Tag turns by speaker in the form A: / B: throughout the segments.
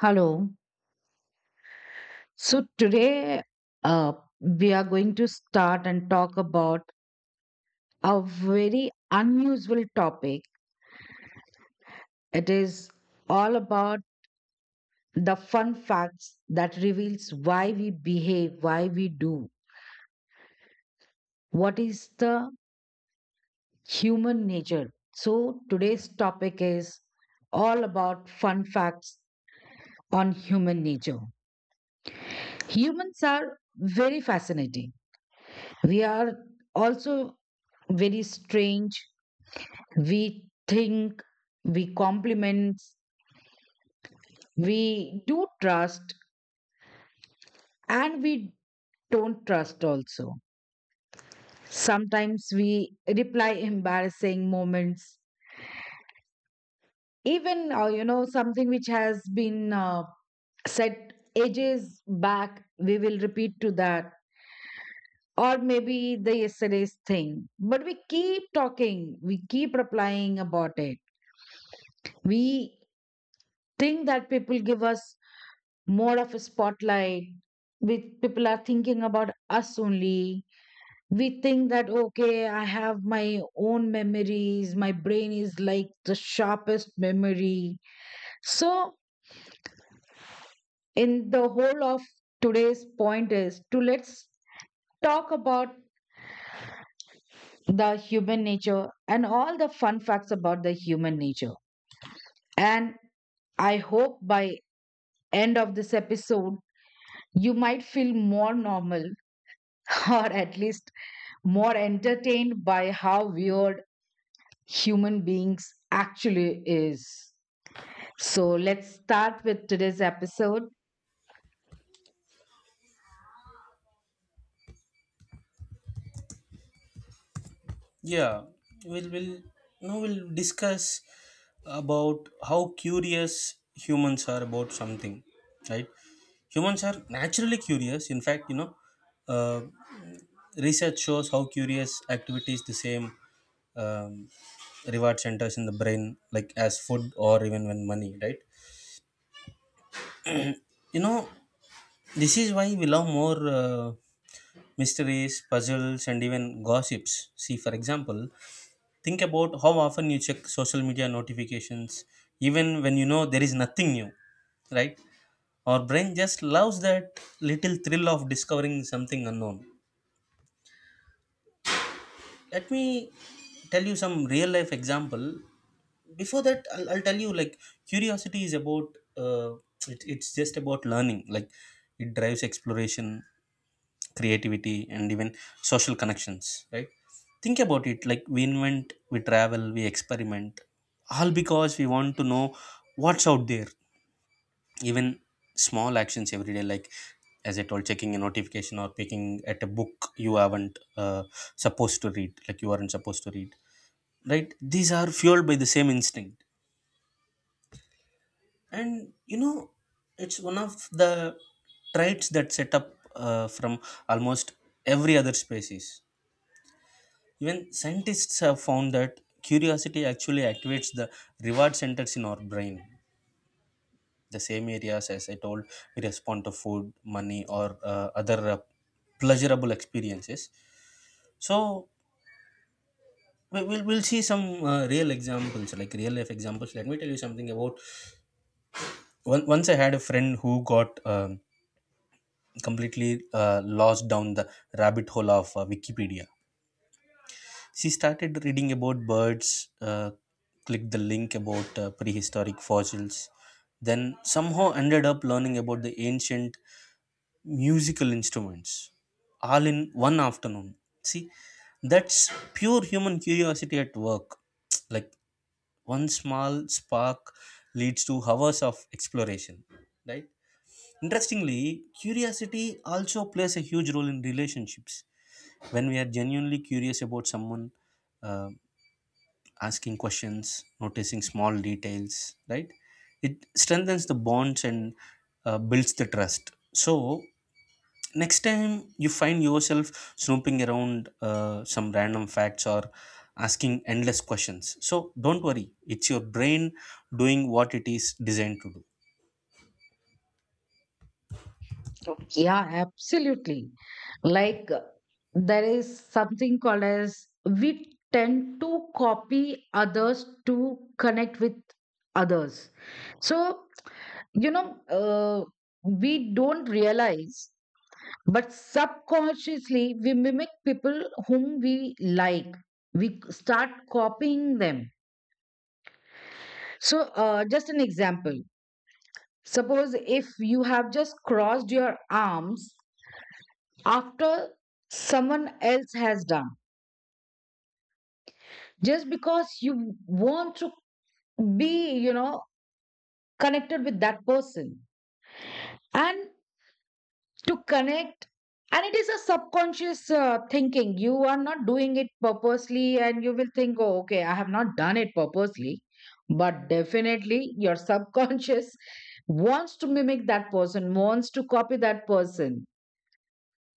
A: Hello. So today uh, we are going to start and talk about a very unusual topic. It is all about the fun facts that reveals why we behave, why we do. What is the human nature? So today's topic is all about fun facts on human nature. Humans are very fascinating. We are also very strange, we think, we compliment, we do trust, and we don't trust also. Sometimes we reply embarrassing moments, even you know something which has been said ages back. We will repeat to that, or maybe the yesterday's thing. But we keep talking, we keep replying about it. We think that people give us more of a spotlight, with people are thinking about us only. We think that okay, I have my own memories, my brain is like the sharpest memory. So in the whole of today's point is to, let's talk about the human nature and all the fun facts about the human nature. And I hope by end of this episode you might feel more normal or at least more entertained by how weird human beings actually is. So let's start with today's episode.
B: Yeah, we'll now we'll discuss about how curious humans are about something, right? Humans are naturally curious. In fact, uh, research shows how curious activities the same um, reward centers in the brain, like as food or even when money, right? You know, this is why we love more mysteries, puzzles, and even gossips. See, for example, think about how often you check social media notifications, even when you know there is nothing new, right? Our brain just loves that little thrill of discovering something unknown. Let me tell you some real life example. Before that, I'll tell you like curiosity is about, it's just about learning, like it drives exploration, creativity and even social connections, right? Think about it, like we invent, we travel, we experiment, all because we want to know what's out there. Even small actions every day, like as I told, checking a notification or picking at a book you haven't supposed to read, like you aren't supposed to read, right? These are fueled by the same instinct. And you know, it's one of the traits that set up from almost every other species. Even scientists have found that curiosity actually activates the reward centers in our brain, the same areas as I told we respond to food, money, or other pleasurable experiences. So we'll see some real examples, like real life examples. Let me tell you something about once I had a friend who got completely lost down the rabbit hole of Wikipedia. She started reading about birds, clicked the link about prehistoric fossils, then somehow ended up learning about the ancient musical instruments, all in one afternoon. See, that's pure human curiosity at work. Like one small spark leads to hours of exploration, right? Interestingly, curiosity also plays a huge role in relationships. When we are genuinely curious about someone, uh, asking questions, noticing small details, right? It strengthens the bonds and builds the trust. So, next time you find yourself snooping around some random facts or asking endless questions, so don't worry, it's your brain doing what it is designed to do.
A: Yeah, absolutely. Like there is something called as, we tend to copy others to connect with others. So, you know, we don't realize. But subconsciously, we mimic people whom we like. We start copying them. So, just an example. Suppose if you have just crossed your arms after someone else has done, just because you want to be, you know, connected with that person. And to connect, and it is a subconscious thinking. You are not doing it purposely and you will think, oh okay, I have not done it purposely, but definitely your subconscious wants to mimic that person, wants to copy that person,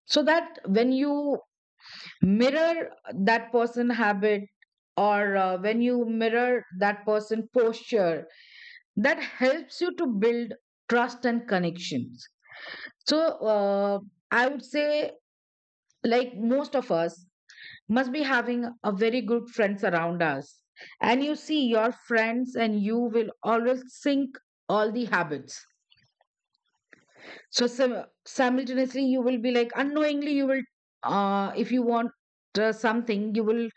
A: so that when you mirror that person habit, or when you mirror that person posture, that helps you to build trust and connections. So, uh, I would say, like most of us must be having a very good friends around us. And you see, your friends and you will always sync all the habits. So simultaneously, you will be like unknowingly, you will, if you want something, you will.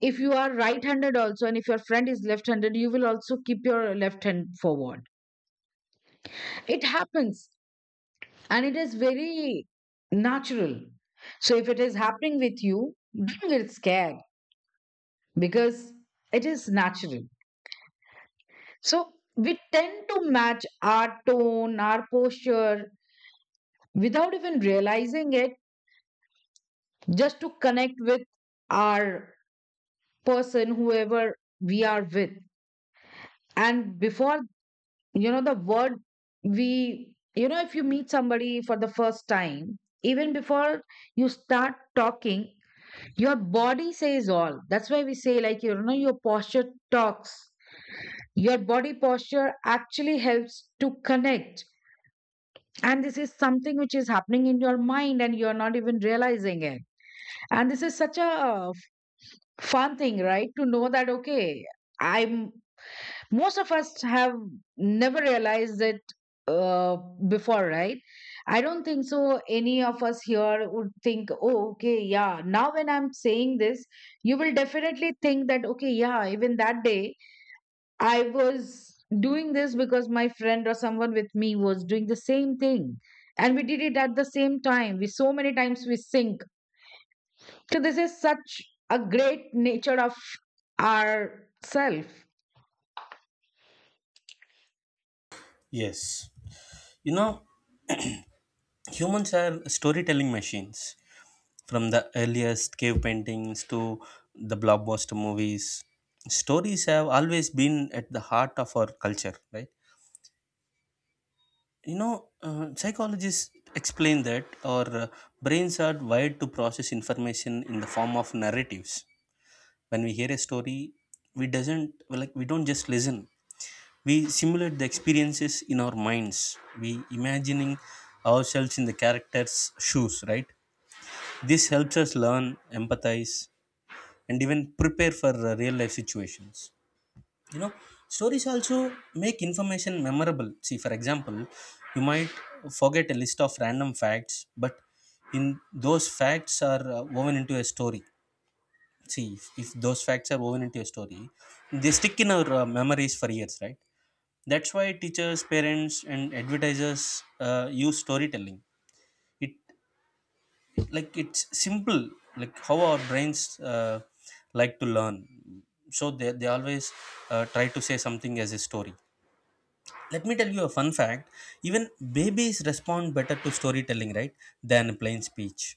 A: If you are right-handed also, and if your friend is left-handed, you will also keep your left hand forward. It happens, and it is very natural. So if it is happening with you, don't get scared because it is natural. So we tend to match our tone, our posture without even realizing it, just to connect with our person, whoever we are with. And before, you know, the word we, you know, if you meet somebody for the first time, even before you start talking, your body says all. That's why we say, like, you know, your posture talks, your body posture actually helps to connect, and this is something which is happening in your mind and you're not even realizing it. And this is such a fun thing, right? To know that, okay, I'm, most of us have never realized it uh, before, right? I don't think so any of us here would think, oh okay, yeah, now when I'm saying this, you will definitely think that okay, yeah, even that day I was doing this because my friend or someone with me was doing the same thing. And we did it at the same time. We so many times we sync. So this is such a great nature of our self.
B: Yes. You know, humans are storytelling machines. From the earliest cave paintings to the blockbuster movies, stories have always been at the heart of our culture, right? You know, psychologists explain that our brains are wired to process information in the form of narratives. When we hear a story, we doesn't like we don't just listen. We simulate the experiences in our minds. We imagining ourselves in the character's shoes, right? This helps us learn, empathize, and even prepare for real life situations. You know, stories also make information memorable. See, for example, you might forget a list of random facts, but in those facts are woven into a story. See, if those facts are woven into a story, they stick in our memories for years, right? That's why teachers, parents, and advertisers use storytelling. It it's simple, like how our brains like to learn, so they always try to say something as a story. Let me tell you a fun fact. Even babies respond better to storytelling, right, than plain speech.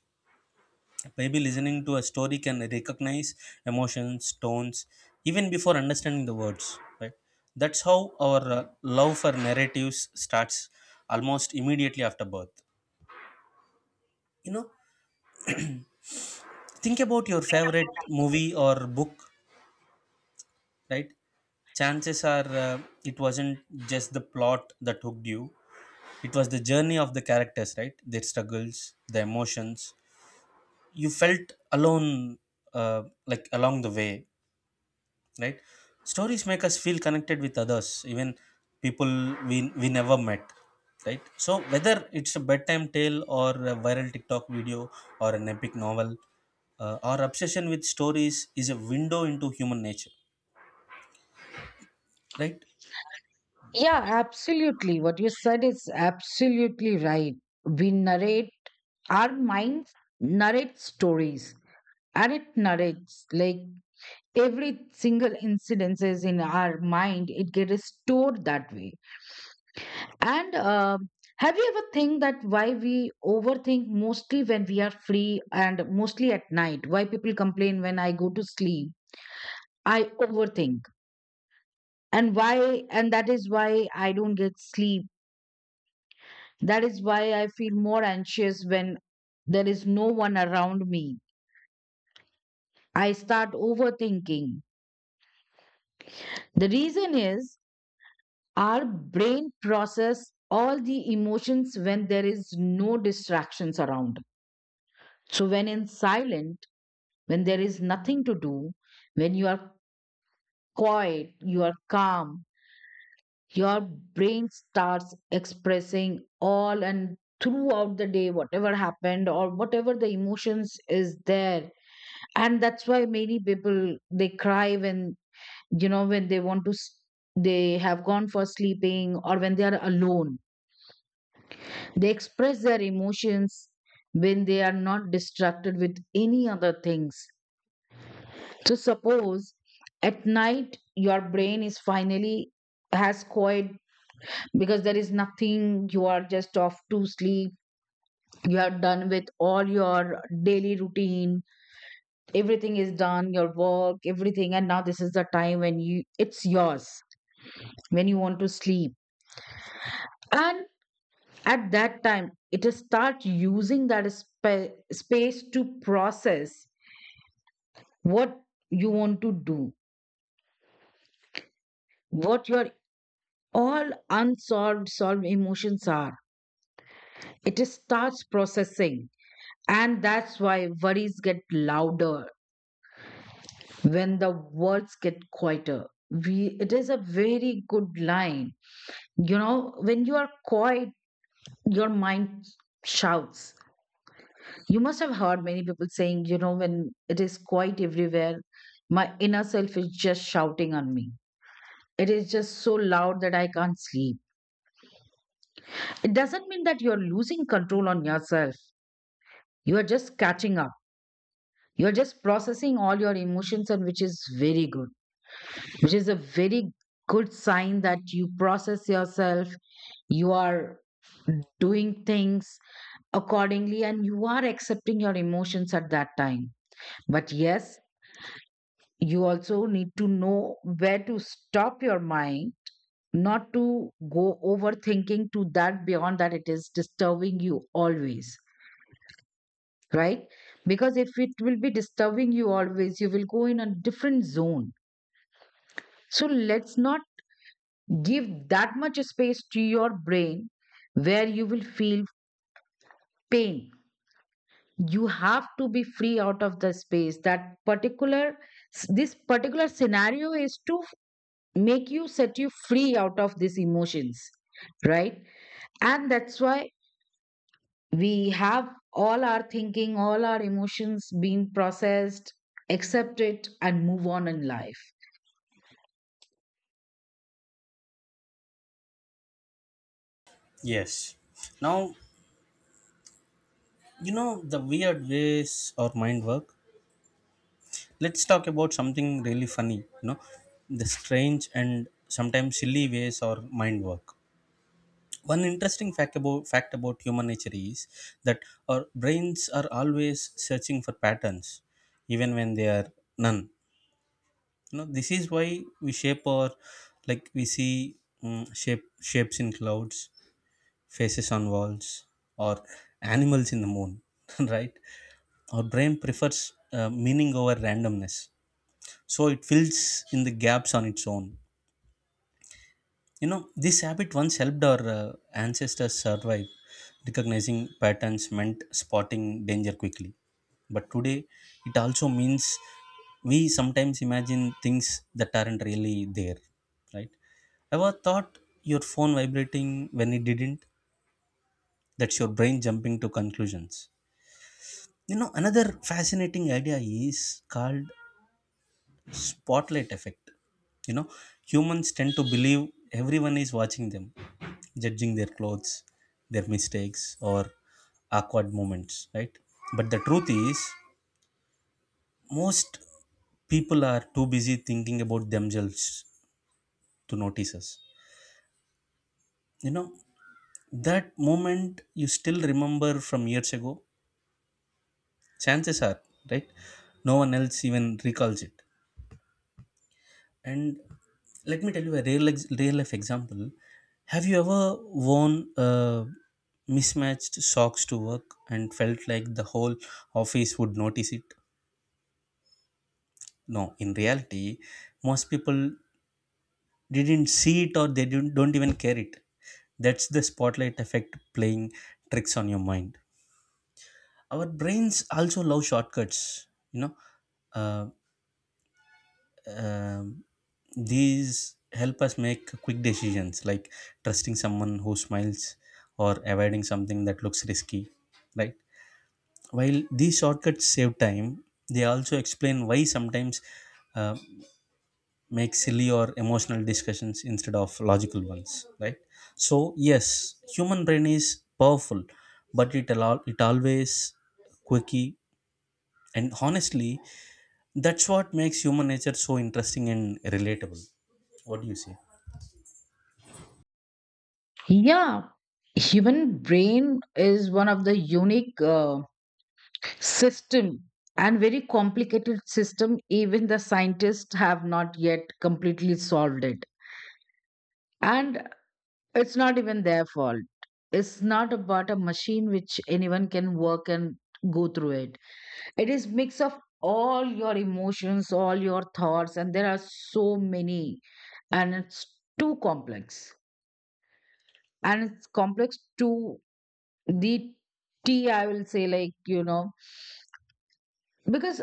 B: A baby listening to a story can recognize emotions, tones, even before understanding the words, right? That's how our love for narratives starts almost immediately after birth. You know, think about your favorite movie or book, right? Chances are it wasn't just the plot that hooked you, it was the journey of the characters, right? Their struggles, their emotions. You felt alone, like along the way, right? Stories make us feel connected with others, even people we never met, right? So, whether it's a bedtime tale or a viral TikTok video or an epic novel, our obsession with stories is a window into human nature, right?
A: Yeah, absolutely. What you said is absolutely right. We narrate, our minds narrate stories, and it narrates like every single incidence is in our mind, it gets stored that way. And have you ever think that why we overthink mostly when we are free and mostly at night? Why people complain when I go to sleep? I overthink. And why, and that is why I don't get sleep. That is why I feel more anxious when there is no one around me. I start overthinking. The reason is our brain process all the emotions when there is no distractions around. So when in silence, when there is nothing to do, when you are quiet, you are calm, your brain starts expressing all, and throughout the day whatever happened or whatever the emotions is there. And that's why many people they cry when, you know, when they want to they have gone for sleeping or when they are alone, they express their emotions when they are not distracted with any other things. So suppose at night your brain is finally has quiet, because there is nothing, you are just off to sleep, you are done with all your daily routine, everything is done, your work, everything, and now this is the time when you, it's yours, when you want to sleep. And at that time it is start using that space to process what you want to do, what your all unsolved solved emotions are. It starts processing, and that's why worries get louder when the words get quieter. We, it is a very good line, you know, when you are quiet, your mind shouts. You must have heard many people saying, you know, when it is quiet everywhere, my inner self is just shouting on me. It is just so loud that I can't sleep. It doesn't mean that you're losing control on yourself. You are just catching up. You're just processing all your emotions, and which is very good, which is a very good sign that you process yourself, you are doing things accordingly, and you are accepting your emotions at that time. But yes, you also need to know where to stop your mind, not to go overthinking to that, beyond that it is disturbing you always, right? Because if it will be disturbing you always, you will go in a different zone. So let's not give that much space to your brain where you will feel pain. You have to be free out of the space. That particular, this particular scenario is to make you, set you free out of these emotions, right? And that's why we have all our thinking, all our emotions being processed, accept it, and move on in life.
B: Yes. Now, you know, the weird ways our mind work. Let's talk about something really funny, you know, the strange and sometimes silly ways our mind work. One interesting fact about human nature is that our brains are always searching for patterns even when they are none. You know, this is why we shape our we see mm, shape shapes in clouds, faces on walls, or animals in the moon. Right? Our brain prefers meaning over randomness, so it fills in the gaps on its own. You know, this habit once helped our ancestors survive, recognizing patterns meant spotting danger quickly. But today, it also means we sometimes imagine things that aren't really there, right? Ever thought your phone vibrating when it didn't? That's your brain jumping to conclusions. You know, another fascinating idea is called spotlight effect. You know, humans tend to believe everyone is watching them, judging their clothes, their mistakes, or awkward moments, right? But the truth is, most people are too busy thinking about themselves to notice us. You know, that moment you still remember from years ago, chances are, right, no one else even recalls it. And let me tell you a real life example. Have you ever worn mismatched socks to work and felt like the whole office would notice it? No, in reality, most people didn't see it or they didn't, don't even care it. That's the spotlight effect playing tricks on your mind. Our brains also love shortcuts. You know, uh, um, these help us make quick decisions, like trusting someone who smiles or avoiding something that looks risky, right? While these shortcuts save time, they also explain why sometimes uh, make silly or emotional discussions instead of logical ones, right? So yes, human brain is powerful, but it always quirky, and honestly, that's what makes human nature so interesting and relatable. What do you say?
A: Yeah, human brain is one of the unique. System, and very complicated system, even the scientists have not yet completely solved it. And it's not even their fault. It's not about a machine which anyone can work and go through it. It is mix of all your emotions, all your thoughts, and there are so many, and it's too complex. And it's complex to the t, I will say, like, you know. Because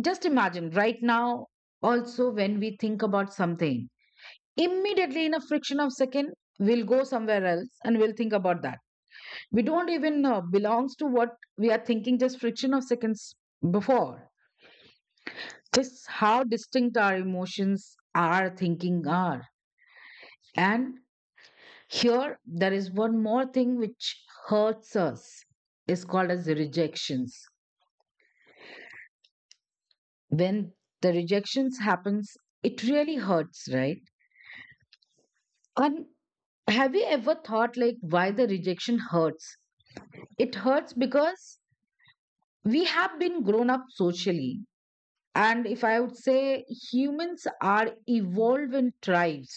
A: just imagine right now, also when we think about something, immediately in a friction of second, we'll go somewhere else and we'll think about that. We don't even belongs to what we are thinking just friction of seconds before. Just how distinct our emotions, our thinking are. And here, there is one more thing which hurts us. Is called as the rejections. When the rejections happens, it really hurts, right? And have you ever thought like why the rejection hurts? It hurts because we have been grown up socially. And if I would say humans are evolved in tribes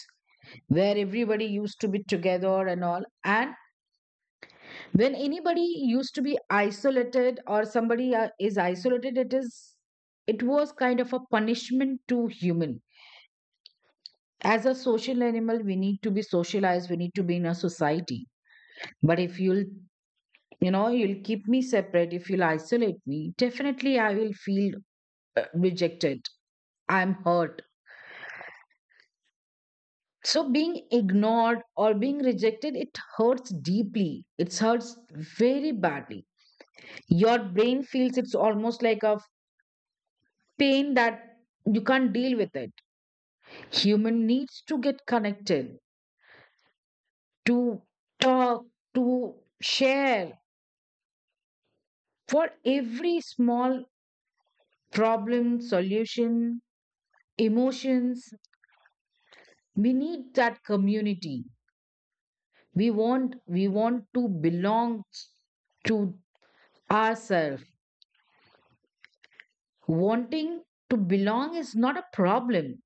A: where everybody used to be together and all. And when anybody used to be isolated or somebody is isolated, it is, it was kind of a punishment to human. As a social animal, we need to be socialized, we need to be in a society. But if you'll, you know, you'll keep me separate, if you'll isolate me. Definitely, I will feel rejected. I'm hurt. So, being ignored or being rejected, it hurts deeply. It hurts very badly. Your brain feels it's almost like a pain that you can't deal with it. Human needs to get connected, to talk, to share for every small problem, solution, emotions. We need that community, we want, we want to belong to ourselves. Wanting to belong is not a problem.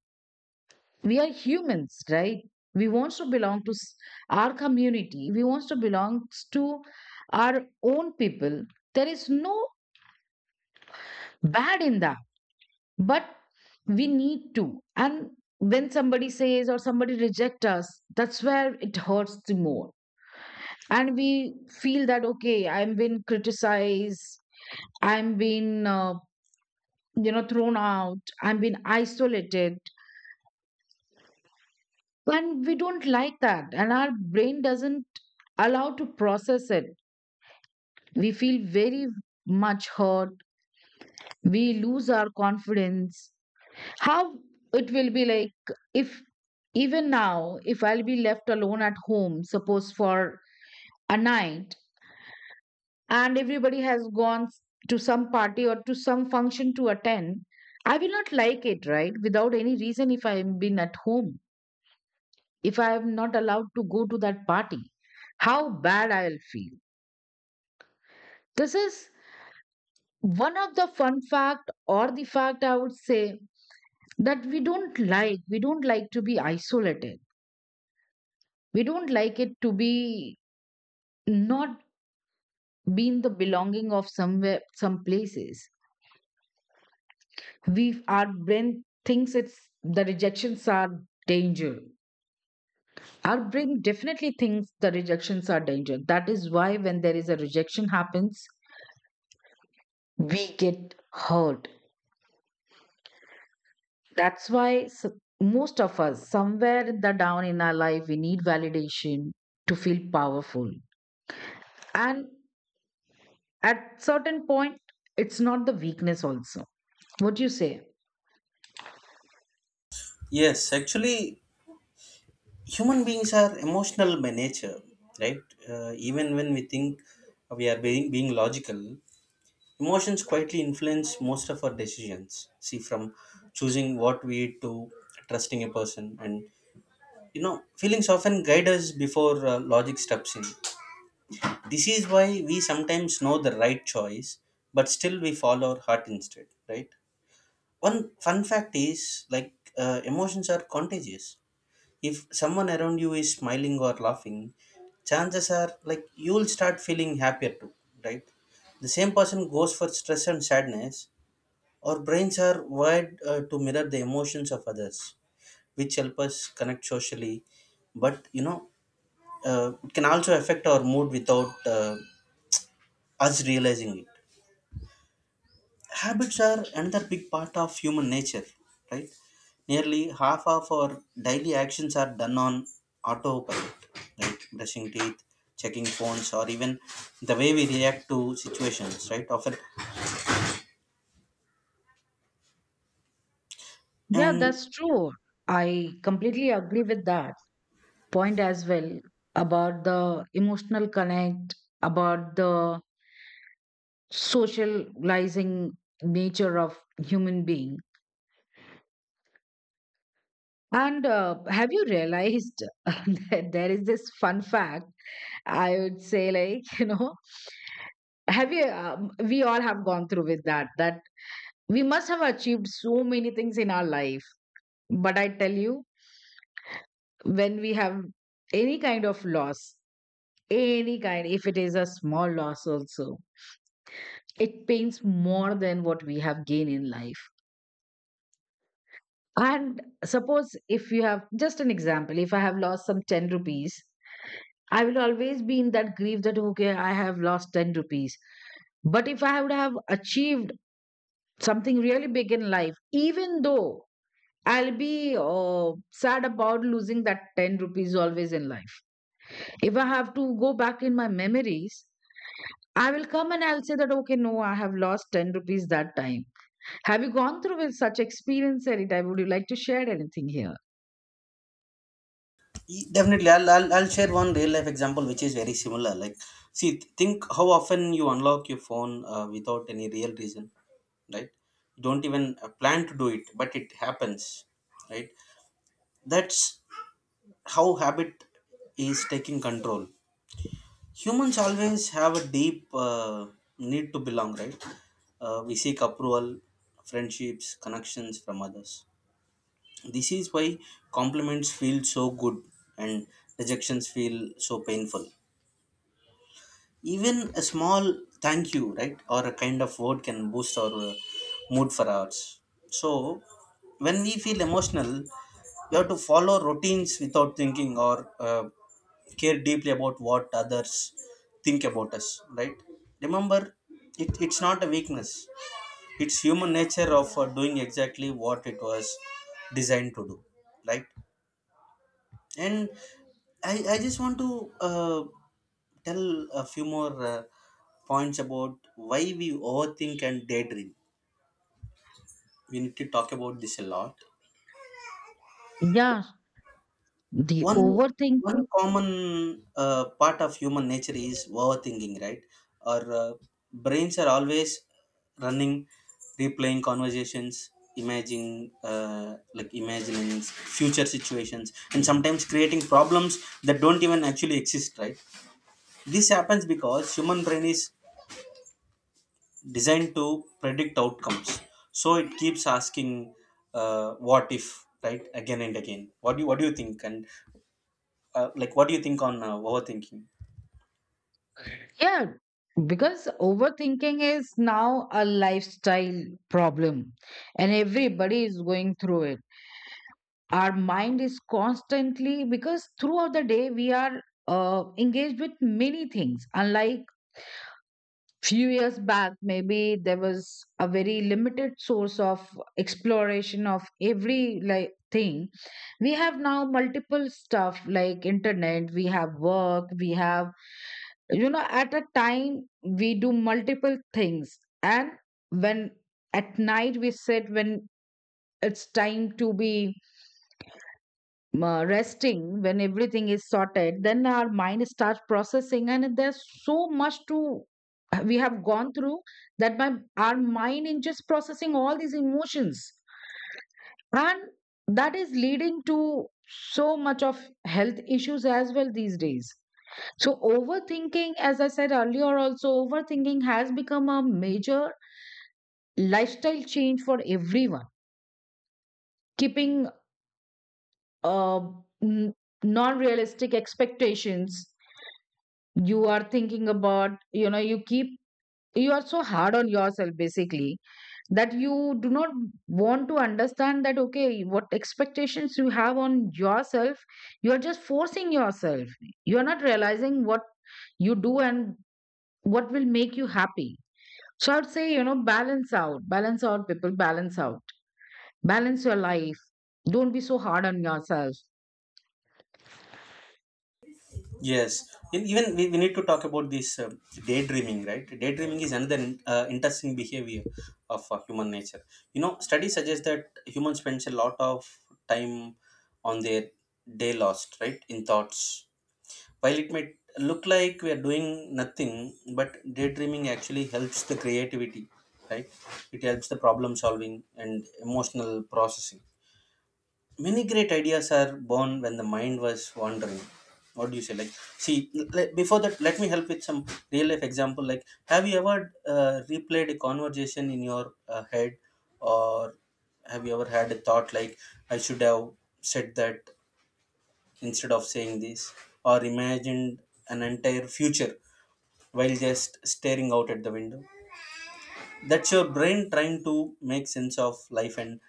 A: We are humans, right? We want to belong to our community, we want to belong to our own people. There is no bad in that. But we need to, and when somebody says or somebody rejects us, that's where it hurts the more. And we feel that okay, I'm been criticized, I'm been, you know, thrown out, I'm been isolated. And we don't like that, and our brain doesn't allow to process it. We feel very much hurt, we lose our confidence. How it will be like if even now if I'll be left alone at home, suppose for a night, and everybody has gone to some party or to some function to attend, I will not like it, right? Without any reason, if I am been at home, if I am not allowed to go to that party, how bad I'll feel. This is one of the fun fact, or the fact I would say, that we don't like. We don't like to be isolated. We don't like it to be not being the belonging of somewhere, some places. We, our brain thinks it's, the rejections are danger. Our brain definitely thinks the rejections are danger. That is why when there is a rejection happens, we get hurt. That's why most of us somewhere in the down in our life we need validation to feel powerful. And at certain point, it's not the weakness also. What do you say?
B: Yes, actually, human beings are emotional by nature, right? Even when we think we are being logical, emotions quietly influence most of our decisions. See, from choosing what we eat to trusting a person, and you know, feelings often guide us before logic steps in. This is why we sometimes know the right choice, but still we follow our heart instead, right? One fun fact is like emotions are contagious. If someone around you is smiling or laughing, chances are like you'll start feeling happier too, right? The same person goes for stress and sadness. Our brains are wired to mirror the emotions of others, which help us connect socially. But you know, it can also affect our mood without us realizing it. Habits are another big part of human nature, right? Nearly half of our daily actions are done on autopilot, like brushing teeth, checking phones, or even the way we react to situations, right? Often,
A: Yeah,
B: and
A: that's true. I completely agree with that point as well, about the emotional connect, about the socializing nature of human being. And have you realized that there is this fun fact? I would say, like, you know, have you, we all have gone through with that, that we must have achieved so many things in our life. But I tell you, when we have any kind of loss, any kind, if it is a small loss also, it pains more than what we have gained in life. And suppose, if you have, just an example, if I have lost some 10 rupees, I will always be in that grief that okay, I have lost 10 rupees. But if I would have achieved something really big in life, even though, I'll be sad about losing that 10 rupees always in life. If I have to go back in my memories, I will come and I'll say that, okay, no, I have lost 10 rupees that time. Have you gone through with such experience anytime? Would you like to share anything here?
B: definitely, I'll share one real life example which is very similar. Like, see, think how often you unlock your phone without any real reason, right? You don't even plan to do it, but it happens, right? That's how habit is taking control. Humans always have a deep need to belong, right? Uh, we seek approval, friendships, connections from others. This is why compliments feel so good, and rejections feel so painful. Even a small thank you, right, or a kind of word, can boost our mood for hours. So when we feel emotional, you have to follow routines without thinking, or care deeply about what others think about us, right? Remember, it's not a weakness, it's human nature of doing exactly what it was designed to do, right? And I just want to uh, tell a few more points about why we overthink and daydream. We need to talk about this a lot.
A: Yeah, the
B: One one
A: overthinking.
B: common part of human nature is overthinking, right? Our brains are always running, replaying conversations, imagining imagining future situations, and sometimes creating problems that don't even actually exist, right? This happens because human brain is designed to predict outcomes, so it keeps asking "what if," right, again and again. What do you think? And what do you think on overthinking?
A: Yeah, because overthinking is now a lifestyle problem and everybody is going through it. Our mind is constantly, because throughout the day we are engaged with many things. Unlike few years back, maybe there was a very limited source of exploration of every like thing. We have now multiple stuff, like internet, we have work, we have, you know, at a time we do multiple things. And when at night we sit, when it's time to be resting, when everything is sorted, then our mind starts processing, and there's so much to, we have gone through, that my, our mind is just processing all these emotions. And that is leading to so much of health issues as well these days. So overthinking, as I said earlier also, overthinking has become a major lifestyle change for everyone. Keeping uh, non-realistic expectations, you are thinking about, you know, you keep, you are so hard on yourself, basically, that you do not want to understand that okay, what expectations you have on yourself, you are just forcing yourself, you are not realizing what you do and what will make you happy. So I would say, you know, balance out, balance out people, balance out, balance your life, don't be so hard on yourself.
B: Yes. And even we need to talk about this daydreaming, right? Daydreaming is another interesting behavior of human nature. You know, studies suggest that humans spends a lot of time on their day lost, right, in thoughts. While it may look like we are doing nothing, but daydreaming actually helps the creativity, right? It helps the problem solving and emotional processing. Many great ideas are born when the mind was wandering. What do you say? Like, see, before that let me help with some real life example. Like, have you ever replayed a conversation in your head, or have you ever had a thought like, I should have said that instead of saying this, or imagined an entire future while just staring out at the window? That's your brain trying to make sense of life and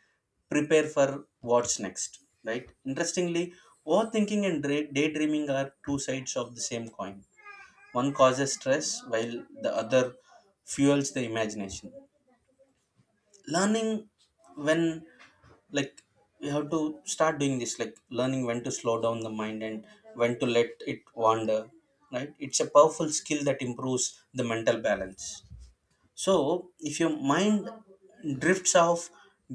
B: prepare for what's next, right? Interestingly, overthinking and daydreaming are two sides of the same coin. One causes stress while the other fuels the imagination. Learning when, like, you have to start doing this, like, learning when to slow down the mind and when to let it wander, right? It's a powerful skill that improves the mental balance. So, if your mind drifts off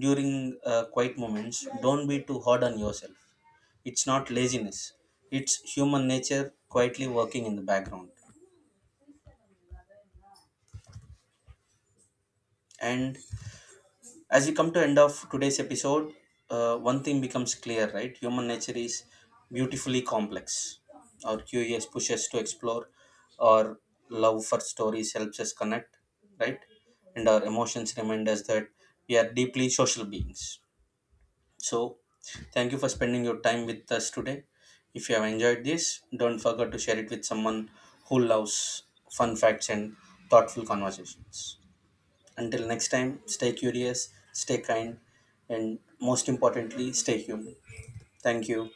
B: during quiet moments, don't be too hard on yourself. It's not laziness, it's human nature quietly working in the background. And as we come to end of today's episode, one thing becomes clear, right? Human nature is beautifully complex. Our curious pushes to explore, our love for stories helps us connect, right? And our emotions remind us that we are deeply social beings. So, thank you for spending your time with us today. If you have enjoyed this, don't forget to share it with someone who loves fun facts and thoughtful conversations. Until next time, stay curious, stay kind, and most importantly, stay human. Thank you.